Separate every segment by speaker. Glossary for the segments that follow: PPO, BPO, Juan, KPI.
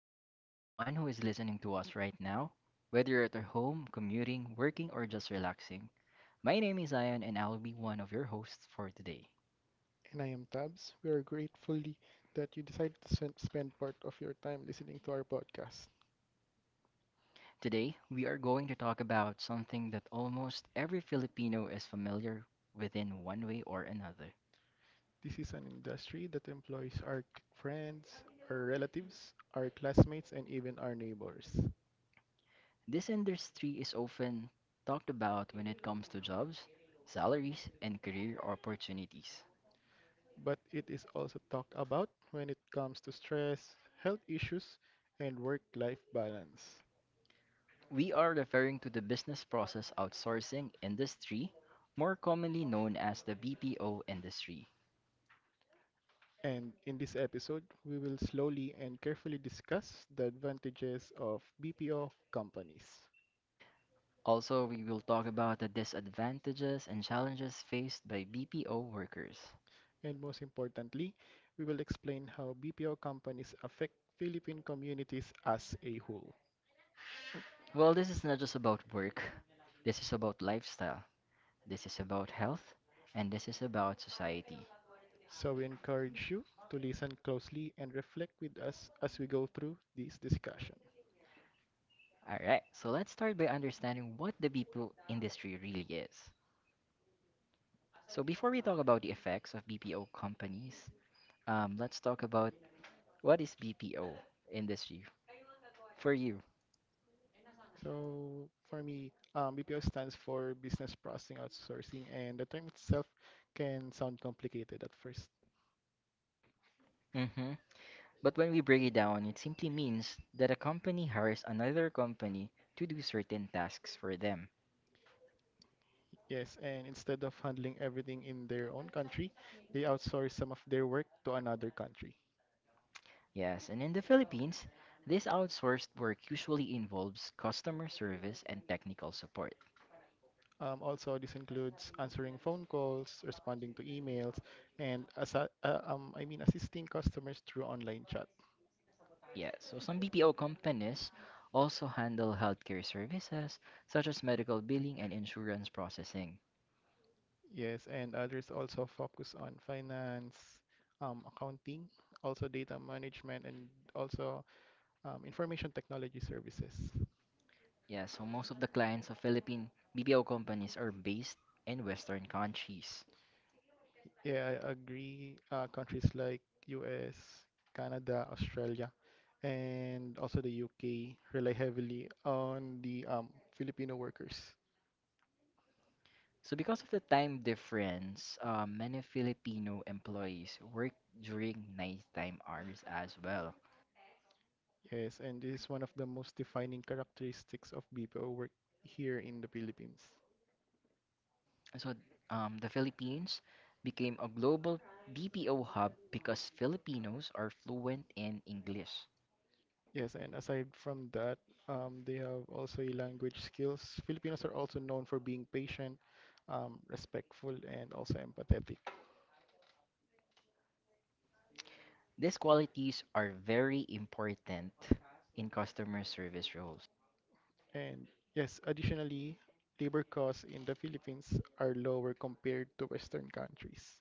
Speaker 1: Good day to everyone who is listening to us right now, whether you're at your home, commuting, working, or just relaxing. My name is Ian, and I'll be one of your hosts for today.
Speaker 2: And I am Tabs. We are grateful that you decided to spend part of your time listening to our podcast.
Speaker 1: Today, we are going to talk about something that almost every Filipino is familiar within one way or another.
Speaker 2: This is an industry that employs our friends, our relatives, our classmates, and even our neighbors.
Speaker 1: This industry is often talked about when it comes to jobs, salaries, and career opportunities.
Speaker 2: But it is also talked about when it comes to stress, health issues, and work life balance.
Speaker 1: We are referring to the business process outsourcing industry, more commonly known as the BPO industry.
Speaker 2: And in this episode, we will slowly and carefully discuss the advantages of BPO companies.
Speaker 1: Also, we will talk about the disadvantages and challenges faced by BPO workers.
Speaker 2: And most importantly, we will explain how BPO companies affect Philippine communities as a whole.
Speaker 1: Well, this is not just about work, this is about lifestyle, this is about health, and this is about society.
Speaker 2: So we encourage you to listen closely and reflect with us as we go through this discussion.
Speaker 1: Alright, so let's start by understanding what the BPO industry really is. So, before we talk about the effects of BPO companies, let's talk about, what is BPO industry for you?
Speaker 2: So for me, BPO stands for Business Processing Outsourcing, and the term itself can sound complicated at first.
Speaker 1: Hmm. But when we break it down, it simply means that a company hires another company to do certain tasks for them.
Speaker 2: Yes, and instead of handling everything in their own country, they outsource some of their work to another country.
Speaker 1: Yes, and in the Philippines, this outsourced work usually involves customer service and technical support.
Speaker 2: Also, this includes answering phone calls, responding to emails, and as I mean assisting customers through online chat.
Speaker 1: Yes, so some BPO companies also handle healthcare services such as medical billing and insurance processing.
Speaker 2: Yes, and others also focus on finance, accounting, also data management, and also information technology services.
Speaker 1: Yes, so most of the clients of Philippine BPO companies are based in Western countries.
Speaker 2: Yeah, I agree. Countries like US, Canada, Australia, and also the UK rely heavily on the Filipino workers.
Speaker 1: So because of the time difference, many Filipino employees work during nighttime hours as well.
Speaker 2: Yes, and this is one of the most defining characteristics of BPO work here in the Philippines.
Speaker 1: So the Philippines became a global BPO hub because Filipinos are fluent in English.
Speaker 2: Yes, and aside from that, they have also a language skills. Filipinos are also known for being patient, respectful, and also empathetic.
Speaker 1: These qualities are very important in customer service roles.
Speaker 2: And yes, additionally, labor costs in the Philippines are lower compared to Western countries.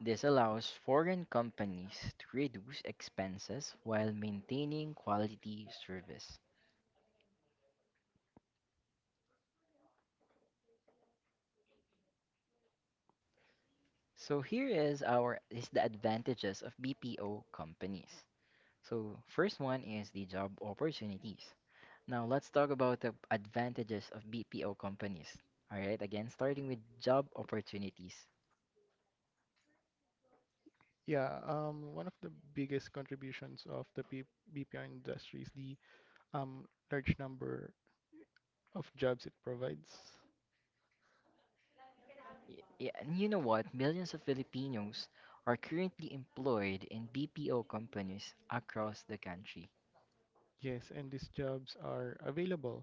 Speaker 1: This allows foreign companies to reduce expenses while maintaining quality service. So here is our is the advantages of BPO companies. So first one is the job opportunities. Now let's talk about the advantages of BPO companies. All right, again starting with job opportunities.
Speaker 2: Yeah, One of the biggest contributions of the P BPO industry is the um, large number of jobs it provides.
Speaker 1: Y- Yeah, and you know what? Millions of Filipinos are currently employed in BPO companies across the country.
Speaker 2: Yes, and these jobs are available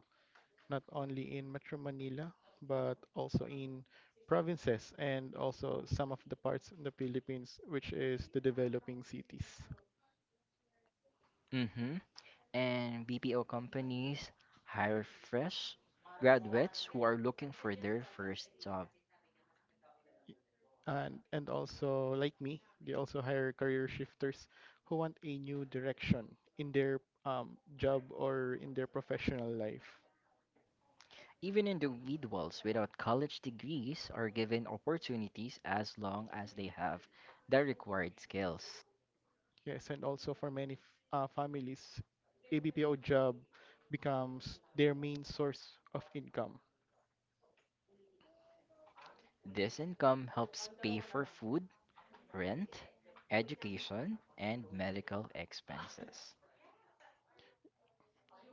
Speaker 2: not only in Metro Manila, but also in provinces and also some of the parts in the Philippines, which is the developing cities.
Speaker 1: Mhm. And BPO companies hire fresh graduates who are looking for their first job.
Speaker 2: And also like me, they also hire career shifters who want a new direction in their job or in their professional life.
Speaker 1: Even individuals without college degrees are given opportunities as long as they have the required skills.
Speaker 2: Yes, and also for many families, ABPO job becomes their main source of income.
Speaker 1: This income helps pay for food, rent, education, and medical expenses.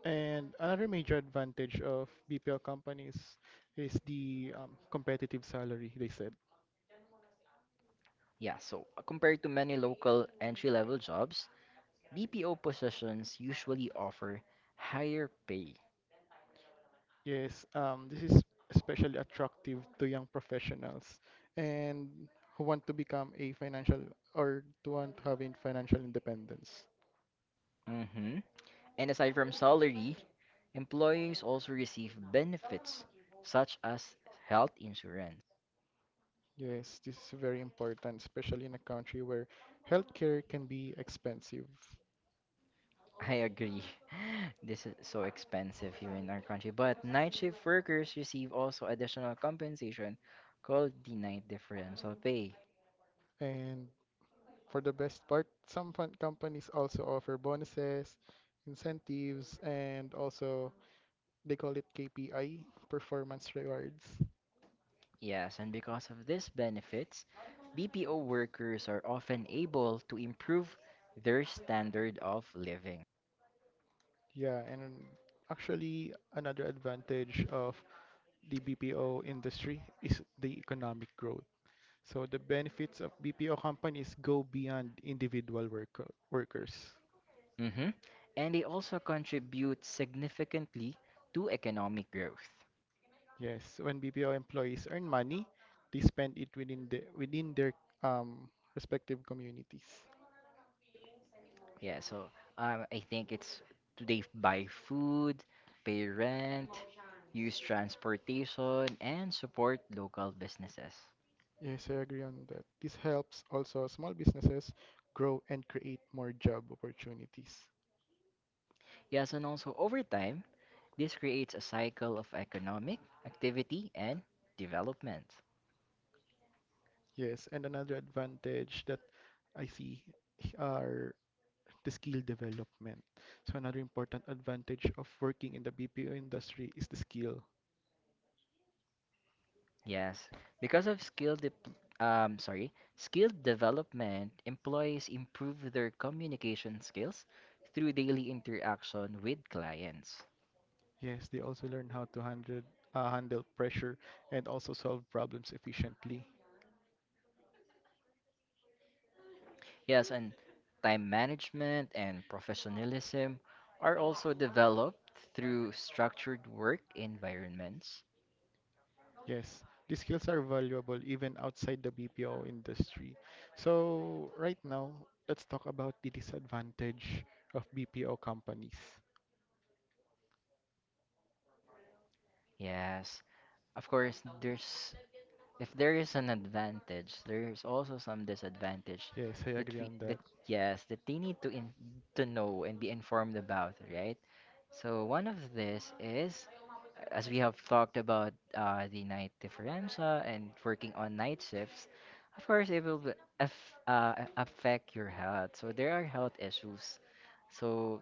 Speaker 2: And another major advantage of BPO companies is the competitive salary, they said.
Speaker 1: Yeah, so compared to many local entry level jobs, BPO positions usually offer higher pay.
Speaker 2: Yes, this is especially attractive to young professionals and who want to become a financial or to want to have in financial independence.
Speaker 1: Hmm. And aside from salary, employees also receive benefits such as health insurance.
Speaker 2: Yes, this is very important, especially in a country where healthcare can be expensive.
Speaker 1: I agree. This is so expensive here in our country. But night shift workers receive also additional compensation called the night differential pay.
Speaker 2: And for the best part, some fund companies also offer bonuses, incentives, and also they call it KPI, performance rewards.
Speaker 1: Yes, and because of these benefits, BPO workers are often able to improve their standard of living.
Speaker 2: Yeah, and actually another advantage of the BPO industry is the economic growth. So the benefits of BPO companies go beyond individual workers.
Speaker 1: Hmm. And they also contribute significantly to economic growth.
Speaker 2: Yes, when BPO employees earn money, they spend it within their um, respective communities.
Speaker 1: Yeah, so I think it's do they buy food, pay rent, use transportation, and support local businesses.
Speaker 2: Yes, I agree on that. This helps also small businesses grow and create more job opportunities.
Speaker 1: Yes, and also over time, this creates a cycle of economic activity and development.
Speaker 2: Yes, and another advantage that I see are the skill development. So another important advantage of working in the BPO industry is the skill.
Speaker 1: Yes, because of skill development, employees improve their communication skills through daily interaction with clients.
Speaker 2: Yes, they also learn how to handle handle pressure and also solve problems efficiently.
Speaker 1: Yes, and time management and professionalism are also developed through structured work environments.
Speaker 2: Yes, these skills are valuable even outside the BPO industry. So, right now, let's talk about the disadvantage of BPO companies.
Speaker 1: Yes, of course, there's if there is an advantage, there's also some disadvantage
Speaker 2: Yes, I
Speaker 1: that
Speaker 2: agree
Speaker 1: we
Speaker 2: on
Speaker 1: that
Speaker 2: that.
Speaker 1: yes, that they need to know and be informed about, right? So one of this is, as we have talked about the night differenza and working on night shifts, of course, it will affect your health. So there are health issues. So,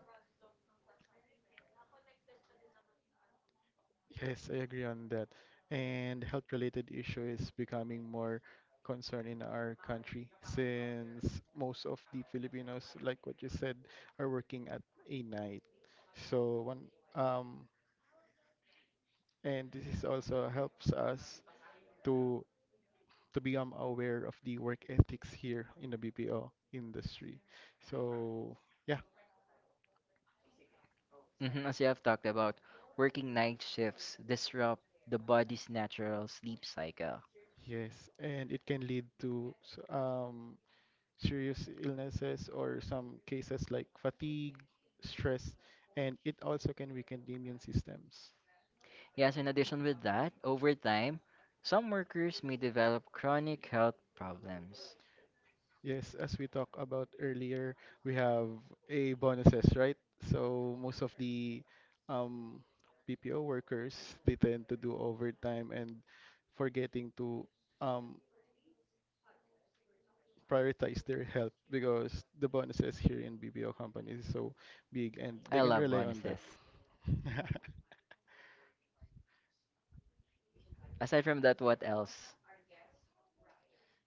Speaker 2: Yes, I agree on that. And health-related issue is becoming more concern in our country since most of the Filipinos, like what you said, are working at a night. So one and this is also helps us to to become aware of the work ethics here in the BPO industry. So, yeah,
Speaker 1: mhm, as you have talked about, working night shifts disrupt the body's natural sleep cycle.
Speaker 2: yes, and it can lead to serious illnesses or some cases like fatigue, stress, and it also can weaken the immune systems.
Speaker 1: Yes, in addition with that, over time, some workers may develop chronic health problems.
Speaker 2: Yes, as we talked about earlier, we have a bonuses, right? So most of the um, BPO workers, they tend to do overtime and forgetting to um, prioritize their health because the bonuses here in BPO companies is so big and they
Speaker 1: I
Speaker 2: can
Speaker 1: love
Speaker 2: rely on that.
Speaker 1: bonuses. Aside from that, what else?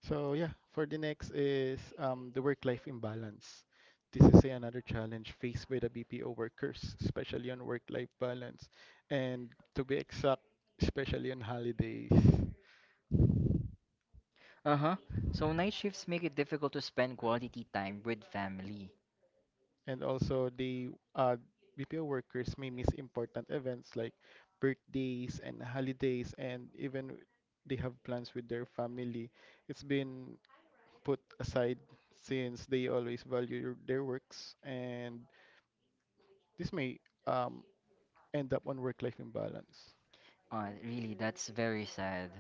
Speaker 2: So yeah, for the next is the work-life imbalance. This is another challenge faced by the BPO workers, especially on work-life balance, and to be exact, especially on holidays.
Speaker 1: Uh-huh. So night shifts make it difficult to spend quality time with family.
Speaker 2: And also the uh, BPO workers may miss important events like birthdays and holidays and even they have plans with their family. It's been put aside since they always value their works and this may um, end up on work-life imbalance.
Speaker 1: Really, that's very sad.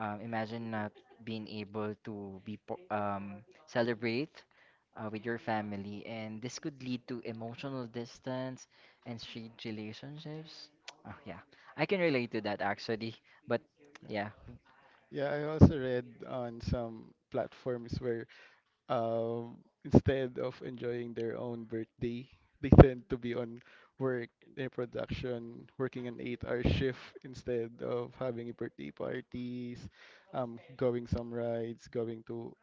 Speaker 1: Imagine not being able to be celebrate with your family, and this could lead to emotional distance and strained relationships. Oh, yeah, I can relate to that actually. But
Speaker 2: Yeah,
Speaker 1: yeah,
Speaker 2: Yeah, I also read on some platforms where um, instead of enjoying their own birthday, they tend to be on work, their production, working an eight-hour shift instead of having birthday parties, going some rides, going to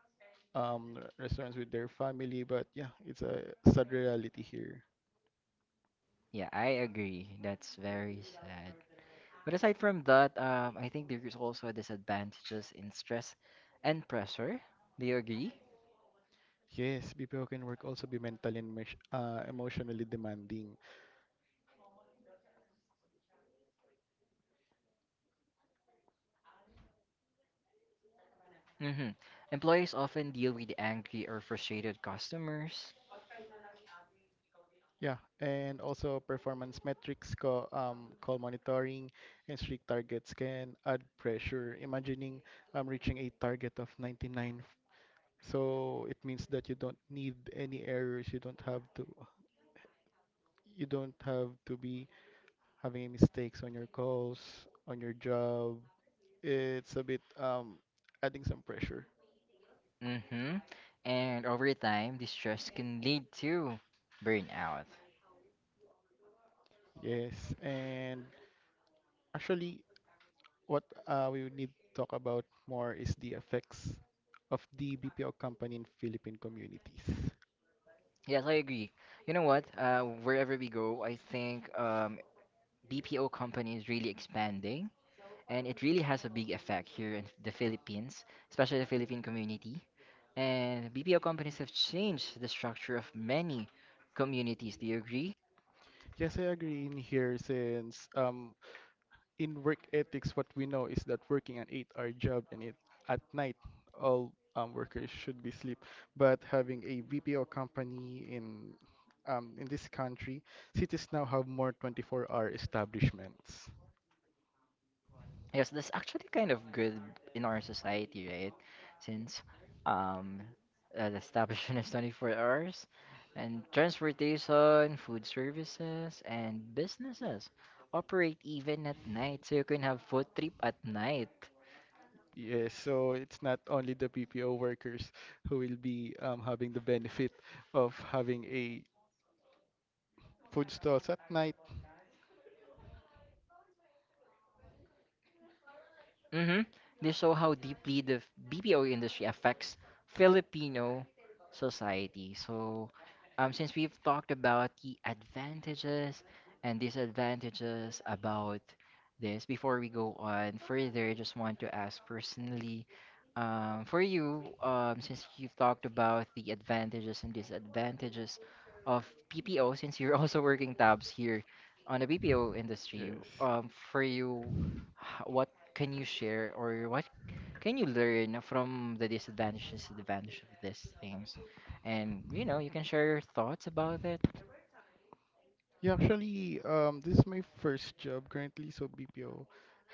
Speaker 2: restaurants with their family. But yeah, it's a sad reality here.
Speaker 1: yeah, I agree. That's very sad. But aside from that, I think there is also disadvantages in stress and pressure. Do you agree?
Speaker 2: Yes, BPO can work also be mentally and emotionally demanding.
Speaker 1: Mm-hmm. Employees often deal with angry or frustrated customers.
Speaker 2: Yeah, and also performance metrics, call monitoring, and strict targets can add pressure. Imagining reaching a target of 99, so it means that you don't need any errors. You don't have to be having mistakes on your calls, on your job. It's a bit adding some pressure.
Speaker 1: Mm-hmm. And over time, this stress can lead to burnout.
Speaker 2: Yes, and actually, what we would need to talk about more is the effects of the BPO company in Philippine communities.
Speaker 1: Yes, I agree. You know what? Wherever we go, I think BPO company is really expanding and it really has a big effect here in the Philippines, especially the Philippine community. And BPO companies have changed the structure of many communities. Do you agree?
Speaker 2: Yes, I agree in here since in work ethics, what we know is that working an eight-hour job and it, at night, all workers should be sleep. But having a BPO company in this country, cities now have more 24-hour establishments.
Speaker 1: Yes, that's actually kind of good in our society, right? Since um, the establishment is 24 hours, and transportation, food services, and businesses operate even at night, so you can have food trip at night.
Speaker 2: Yes, so it's not only the BPO workers who will be having the benefit of having a food stalls at night.
Speaker 1: Hmm. They show how deeply the BPO industry affects Filipino society. So, since we've talked about the advantages and disadvantages about this, before we go on further, I just want to ask personally, for you, since you've talked about the advantages and disadvantages of PPO, since you're also working tabs here on the BPO industry,
Speaker 2: Yes.
Speaker 1: for you, what can you share or what can you learn from the disadvantages and advantage of these things? And you can share your thoughts about it.
Speaker 2: Yeah, actually, this is my first job currently, so BPO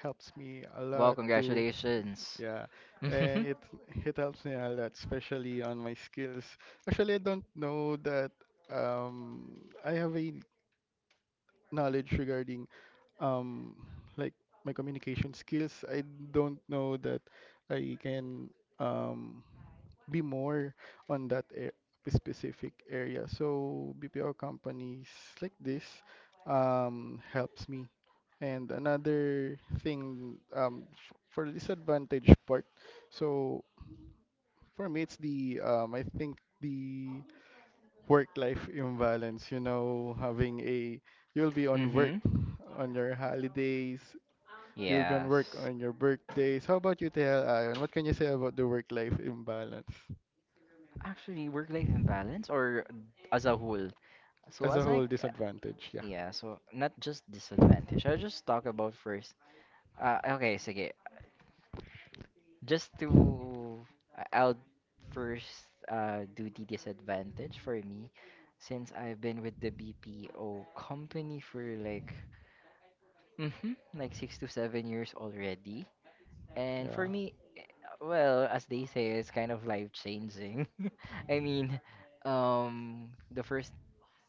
Speaker 2: helps me a
Speaker 1: Well,
Speaker 2: lot to,
Speaker 1: congratulations.
Speaker 2: yeah,
Speaker 1: Mm-hmm.
Speaker 2: and it helps me a lot, especially on my skills. Actually, I don't know that I have a knowledge regarding um like my communication skills. I don't know that I can um be more on that specific area. So BPO companies like this helps me. And another thing f for the disadvantage part. So for me it's the I think the work-life imbalance, you know, having a you'll be on work
Speaker 1: Mm-hmm.
Speaker 2: on your holidays, you'll be on work
Speaker 1: Yes.
Speaker 2: on your birthdays. How about you, Tell Ion? What can you say about the work-life imbalance
Speaker 1: Actually, work-life imbalance or as a whole. So
Speaker 2: as a
Speaker 1: as
Speaker 2: whole
Speaker 1: like
Speaker 2: disadvantage? Yeah,
Speaker 1: yeah, so not just disadvantage. I'll just talk about first. Okay, sige. just to will first do the disadvantage for me since I've been with the BPO company for like 6 to 7 years already. And for
Speaker 2: yeah,
Speaker 1: me, well, as they say, it's kind of life changing. I mean, the first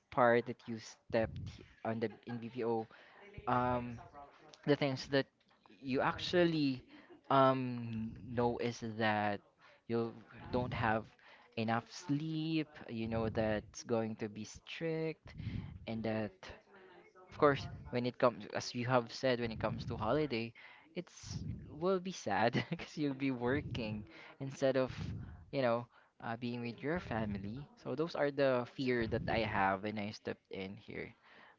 Speaker 1: part that you stepped on the in BPO, um, the things that you actually know is that you don't have enough sleep. You know that's going to be strict, and that, of course, when it comes, as you have said, when it comes to holiday, it's will be sad because you'll be working instead of, you know, being with your family. So those are the fear that I have when I stepped in here.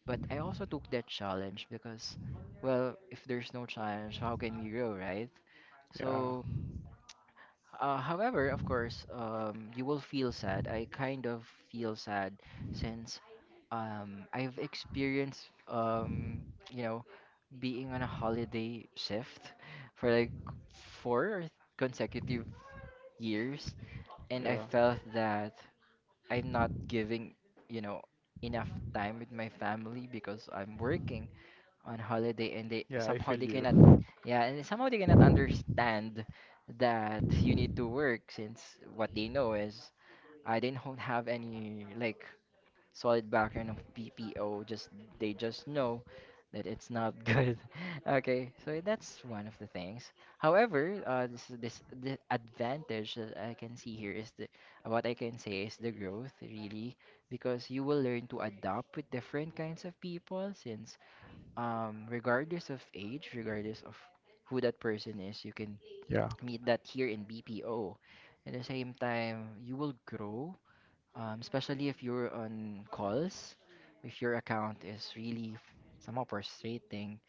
Speaker 1: But I also took that challenge because, well, if there's no challenge, how can we grow, right?
Speaker 2: yeah,
Speaker 1: So however, of course, you will feel sad. I kind of feel sad since I've experienced, you know, being on a holiday shift for like 4 consecutive years, and I
Speaker 2: yeah,
Speaker 1: felt that I'm not giving, you know, enough time with my family because I'm working on holiday, and they
Speaker 2: yeah. I
Speaker 1: somehow
Speaker 2: feel
Speaker 1: they cannot.
Speaker 2: you.
Speaker 1: Yeah. And somehow they cannot understand that you need to work, since what they know is I didn't have any like solid background of PPO. Just they just know that it's not good. Okay, so that's one of the things. However, this is this the advantage that I can see here, is the, what I can say is the growth, really, because you will learn to adapt with different kinds of people, since regardless of age, regardless of who that person is, you can
Speaker 2: Yeah,
Speaker 1: meet that here in BPO. At the same time, you will grow, especially if you're on calls, if your account is really somehow frustrating.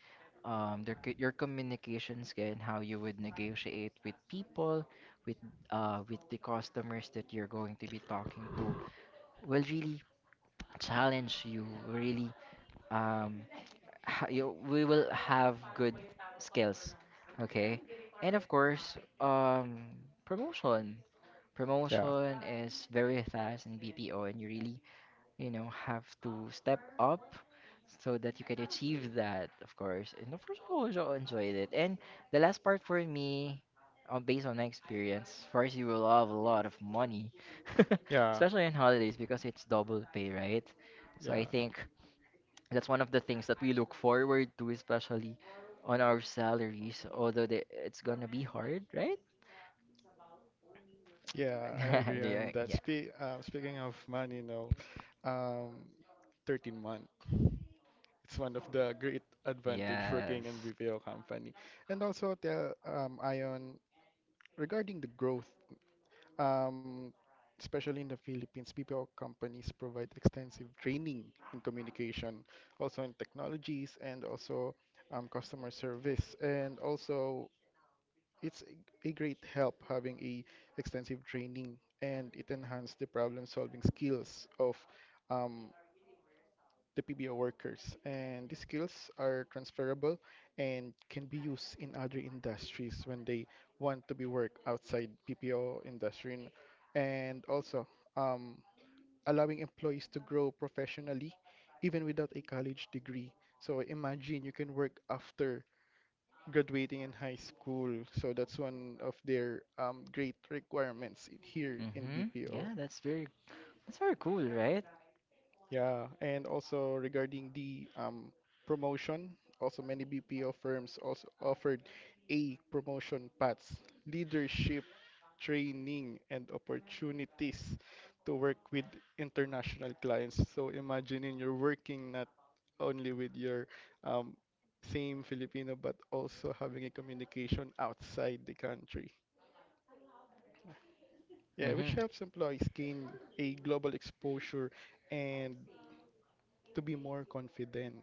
Speaker 1: Your communications and how you would negotiate with people, with with the customers that you're going to be talking to, will really challenge you, really, um, ha- you we will have good skills. Okay, and of course, promotion
Speaker 2: yeah,
Speaker 1: promotion is very fast in BPO, and you really have to step up so that you can achieve that, of course. And of course, I also enjoyed it. And the last part for me, on based on my experience, first, you will have a lot of money
Speaker 2: yeah,
Speaker 1: especially on holidays because it's double pay, right? So
Speaker 2: yeah,
Speaker 1: I think that's one of the things that we look forward to, especially on our salaries. Although it's gonna be hard, right?
Speaker 2: yeah. I agree
Speaker 1: Yeah.
Speaker 2: on that.
Speaker 1: Yeah.
Speaker 2: Speaking of money, no, um, 13 months. It's one of the great advantage working in
Speaker 1: Yes.
Speaker 2: VPO company. And also the Ion regarding the growth, um, especially in the Philippines, BPO companies provide extensive training in communication, also in technologies and also customer service. And also it's a great help having a extensive training and it enhanced the problem solving skills of um, the PBO workers, and these skills are transferable and can be used in other industries when they want to be work outside PPO industry, and also um, allowing employees to grow professionally even without a college degree. So imagine you can work after graduating in high school. So that's one of their great requirements in, here in
Speaker 1: Mm-hmm. Yeah,
Speaker 2: BPO.
Speaker 1: that's very cool, right?
Speaker 2: Yeah, and also regarding the promotion, also many BPO firms also offered A promotion paths, leadership training, and opportunities to work with international clients. So imagining you're working not only with your um, same Filipino, but also having a communication outside the country. Yeah, which
Speaker 1: Mm-hmm.
Speaker 2: helps employees gain a global exposure and to be more confident.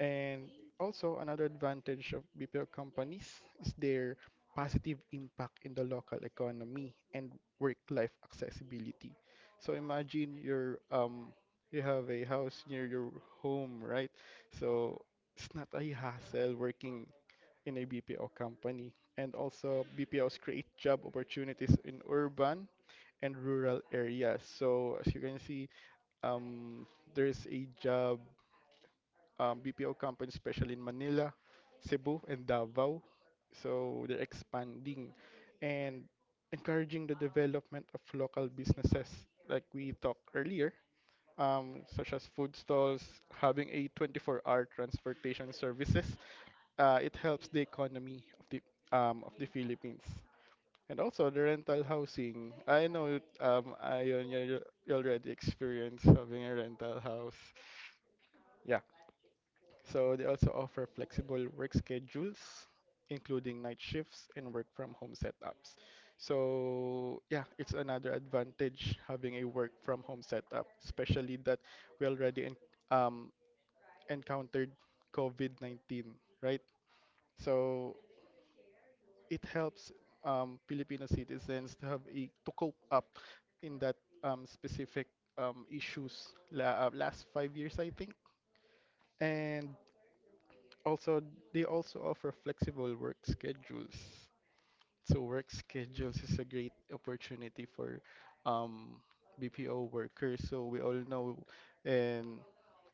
Speaker 2: And also, another advantage of BPO companies is their positive impact in the local economy and work-life accessibility. So imagine you're you have a house near your home, right? So it's not a hassle working in a BPO company. And also, BPOs create job opportunities in urban and rural areas. So as you can see, um, there's a job BPO companies, especially in Manila, Cebu, and Davao. So they're expanding and encouraging the development of local businesses, like we talked earlier, such as food stalls, having a 24-hour transportation services. It helps the economy of the Philippines. And also the rental housing. I know Ion, you already experienced having a rental house. Yeah. So they also offer flexible work schedules, including night shifts and work from home setups. So yeah, it's another advantage having a work from home setup, especially that we already um, encountered COVID-19, right? So it helps Filipino citizens to have a to cope up in that specific issues last 5 years, I think. And Also, they also offer flexible work schedules. So work schedules is a great opportunity for um, BPO workers. So we all know in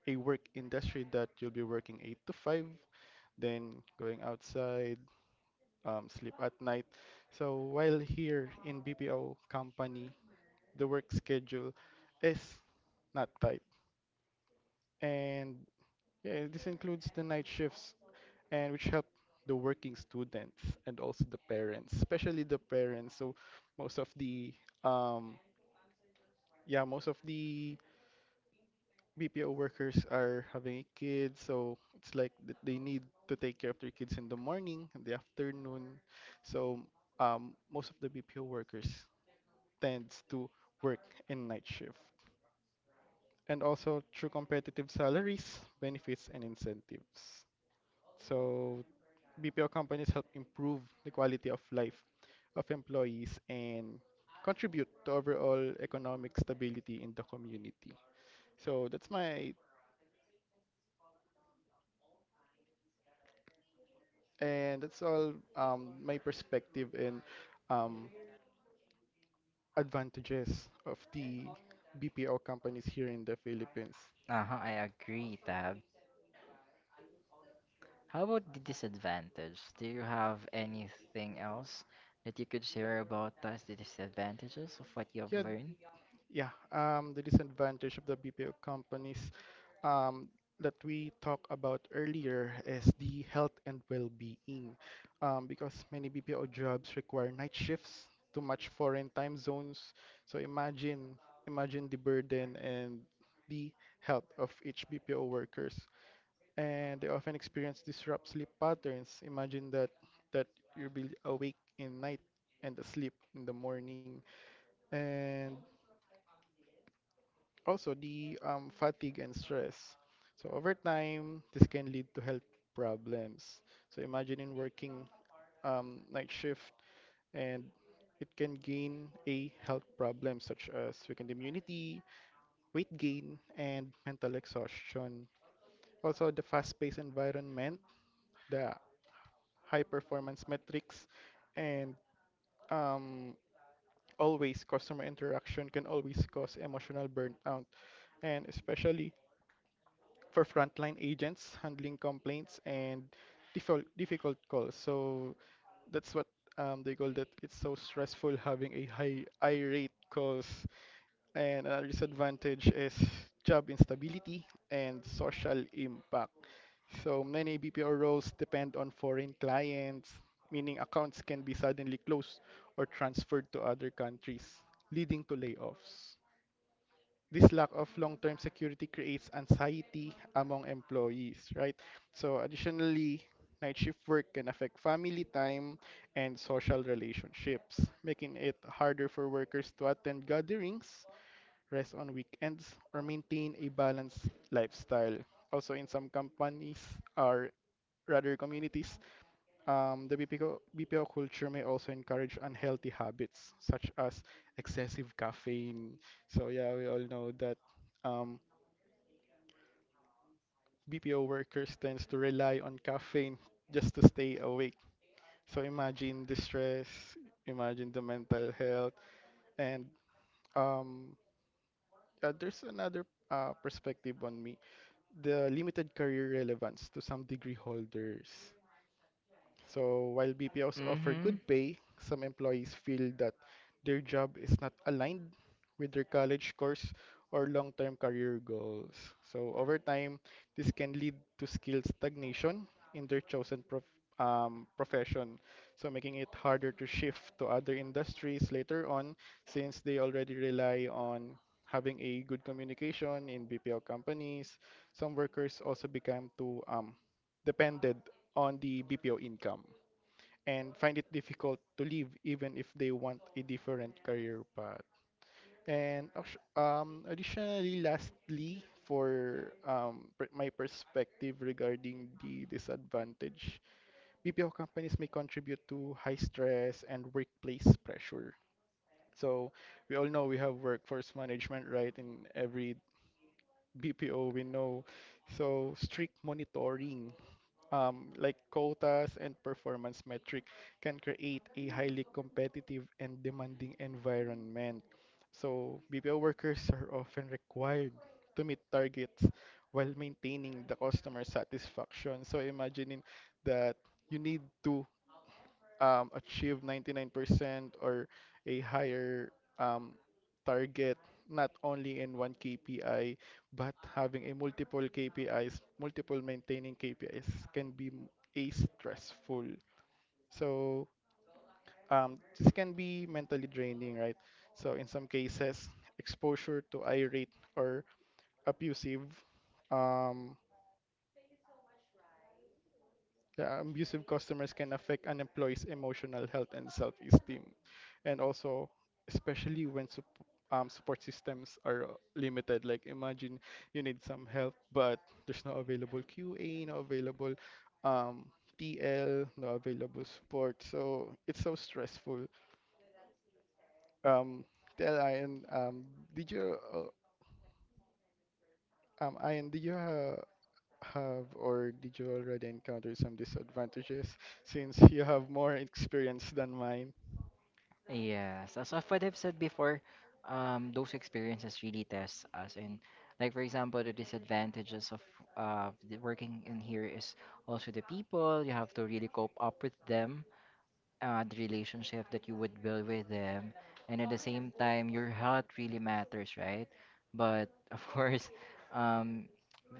Speaker 2: a work industry that you'll be working 8 to 5, then going outside, sleep at night. So while here in BPO company, the work schedule is not tight. And yeah, this includes the night shifts and which help the working students and also the parents, especially the parents. So most of the um yeah, most of the BPO workers are having a kid, so it's like they need to take care of their kids in the morning, in the afternoon. So most of the BPO workers tends to work in night shift. And also through competitive salaries, benefits and incentives. So BPO companies help improve the quality of life of employees and contribute to overall economic stability in the community. So that's all my perspective and um, advantages of the BPO companies here in the Philippines.
Speaker 1: Uh-huh, I agree, Tab. How about the disadvantage? Do you have anything else that you could share about us, the disadvantages of what you have
Speaker 2: Yeah,
Speaker 1: learned?
Speaker 2: Yeah, the disadvantage of the BPO companies um, that we talked about earlier is the health and well-being, because many BPO jobs require night shifts, too much foreign time zones. So imagine, imagine the burden and the health of each BPO workers, and they often experience disrupt sleep patterns. Imagine that you'll be awake in night and asleep in the morning, and also, the fatigue and stress. So, over time, this can lead to health problems. So, imagining working night shift and it can gain a health problem such as weakened immunity, weight gain, and mental exhaustion. Also, the fast-paced environment, the high-performance metrics, and um, always customer interaction can always cause emotional burnout. And especially for frontline agents handling complaints and difficult calls. So that's what they call that. It's so stressful having a high irate calls, and another disadvantage is job instability and social impact. So many BPO roles depend on foreign clients, meaning accounts can be suddenly closed or transferred to other countries, leading to layoffs. This lack of long-term security creates anxiety among employees, right? So additionally, night shift work can affect family time and social relationships, making it harder for workers to attend gatherings, rest on weekends, or maintain a balanced lifestyle. Also, in some companies or rather communities, the BPO, culture may also encourage unhealthy habits such as excessive caffeine. So yeah, we all know that um, BPO workers tends to rely on caffeine just to stay awake. So imagine the stress, imagine the mental health, and um, there's another perspective on me. The limited career relevance to some degree holders. So while BPOs offer
Speaker 1: Mm-hmm.
Speaker 2: good pay, some employees feel that their job is not aligned with their college course or long-term career goals. So over time, this can lead to skill stagnation in their chosen profession, so making it harder to shift to other industries later on since they already rely on having a good communication in BPO companies. Some workers also become too dependent on the BPO income and find it difficult to leave even if they want a different career path. Additionally, lastly, for my perspective regarding the disadvantage, BPO companies may contribute to high stress and workplace pressure. So we all know we have workforce management, right? In every BPO we know. So strict monitoring like quotas and performance metric can create a highly competitive and demanding environment. So BPO workers are often required to meet targets while maintaining the customer satisfaction. So imagining that you need to achieve 99% or a higher um, target, not only in one KPI, but having a multiple KPIs, multiple maintaining KPIs can be a stressful. So this can be mentally draining, right? So in some cases, exposure to irate or abusive. Um, Yeah, abusive customers can affect an employee's emotional health and self-esteem, and also especially when support systems are limited. Like imagine you need some help, but there's no available QA, no available um, TL, no available support. So it's so stressful. Um, tell Ian, did you, Ian, did you have or did you already encounter some disadvantages since you have more experience than mine?
Speaker 1: Yes, as of what I've said before, those experiences really test us. And like for example, the disadvantages of the working in here is also the people. You have to really cope up with them, the relationship that you would build with them, and at the same time your health really matters, right? But of course, um,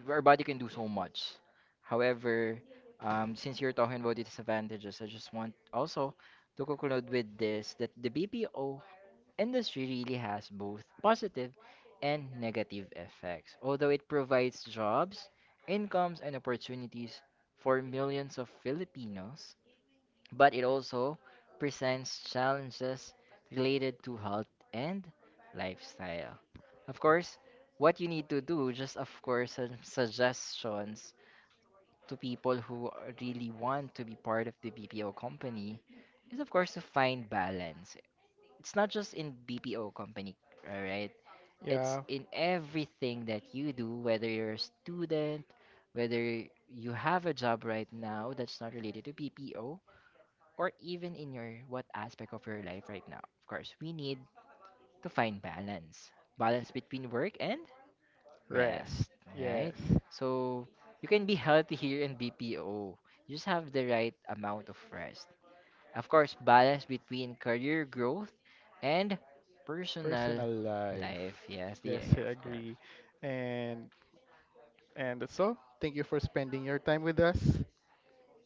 Speaker 1: our body can do so much. However, since you're talking about disadvantages, I just want also to conclude with this, that the BPO industry really has both positive and negative effects. Although it provides jobs, incomes, and opportunities for millions of Filipinos, but it also presents challenges related to health and lifestyle. Of course, what you need to do, just of course, some suggestions to people who really want to be part of the BPO company, is, of course, to find balance. It's not just in BPO company, all right? It's
Speaker 2: Yeah,
Speaker 1: in everything that you do, whether you're a student, whether you have a job right now that's not related to BPO, or even in your what aspect of your life right now. Of course, we need to find balance. Balance
Speaker 2: y-
Speaker 1: between work and
Speaker 2: rest.
Speaker 1: rest,
Speaker 2: Yes.
Speaker 1: right? So you can be healthy here in BPO. You just have the right amount of rest. Of course, balance between career growth and personal
Speaker 2: Personal
Speaker 1: life.
Speaker 2: life.
Speaker 1: Yes,
Speaker 2: Yes, I
Speaker 1: yeah, of course.
Speaker 2: agree. And and that's all. Thank you for spending your time with us.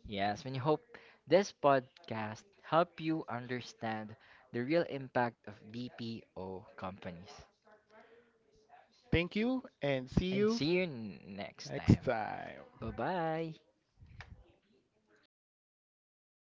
Speaker 1: Yes, when you hope this podcast help you understand the real impact of BPO companies.
Speaker 2: Thank you and see
Speaker 1: And
Speaker 2: you
Speaker 1: see you next time.
Speaker 2: next time.
Speaker 1: Bye bye.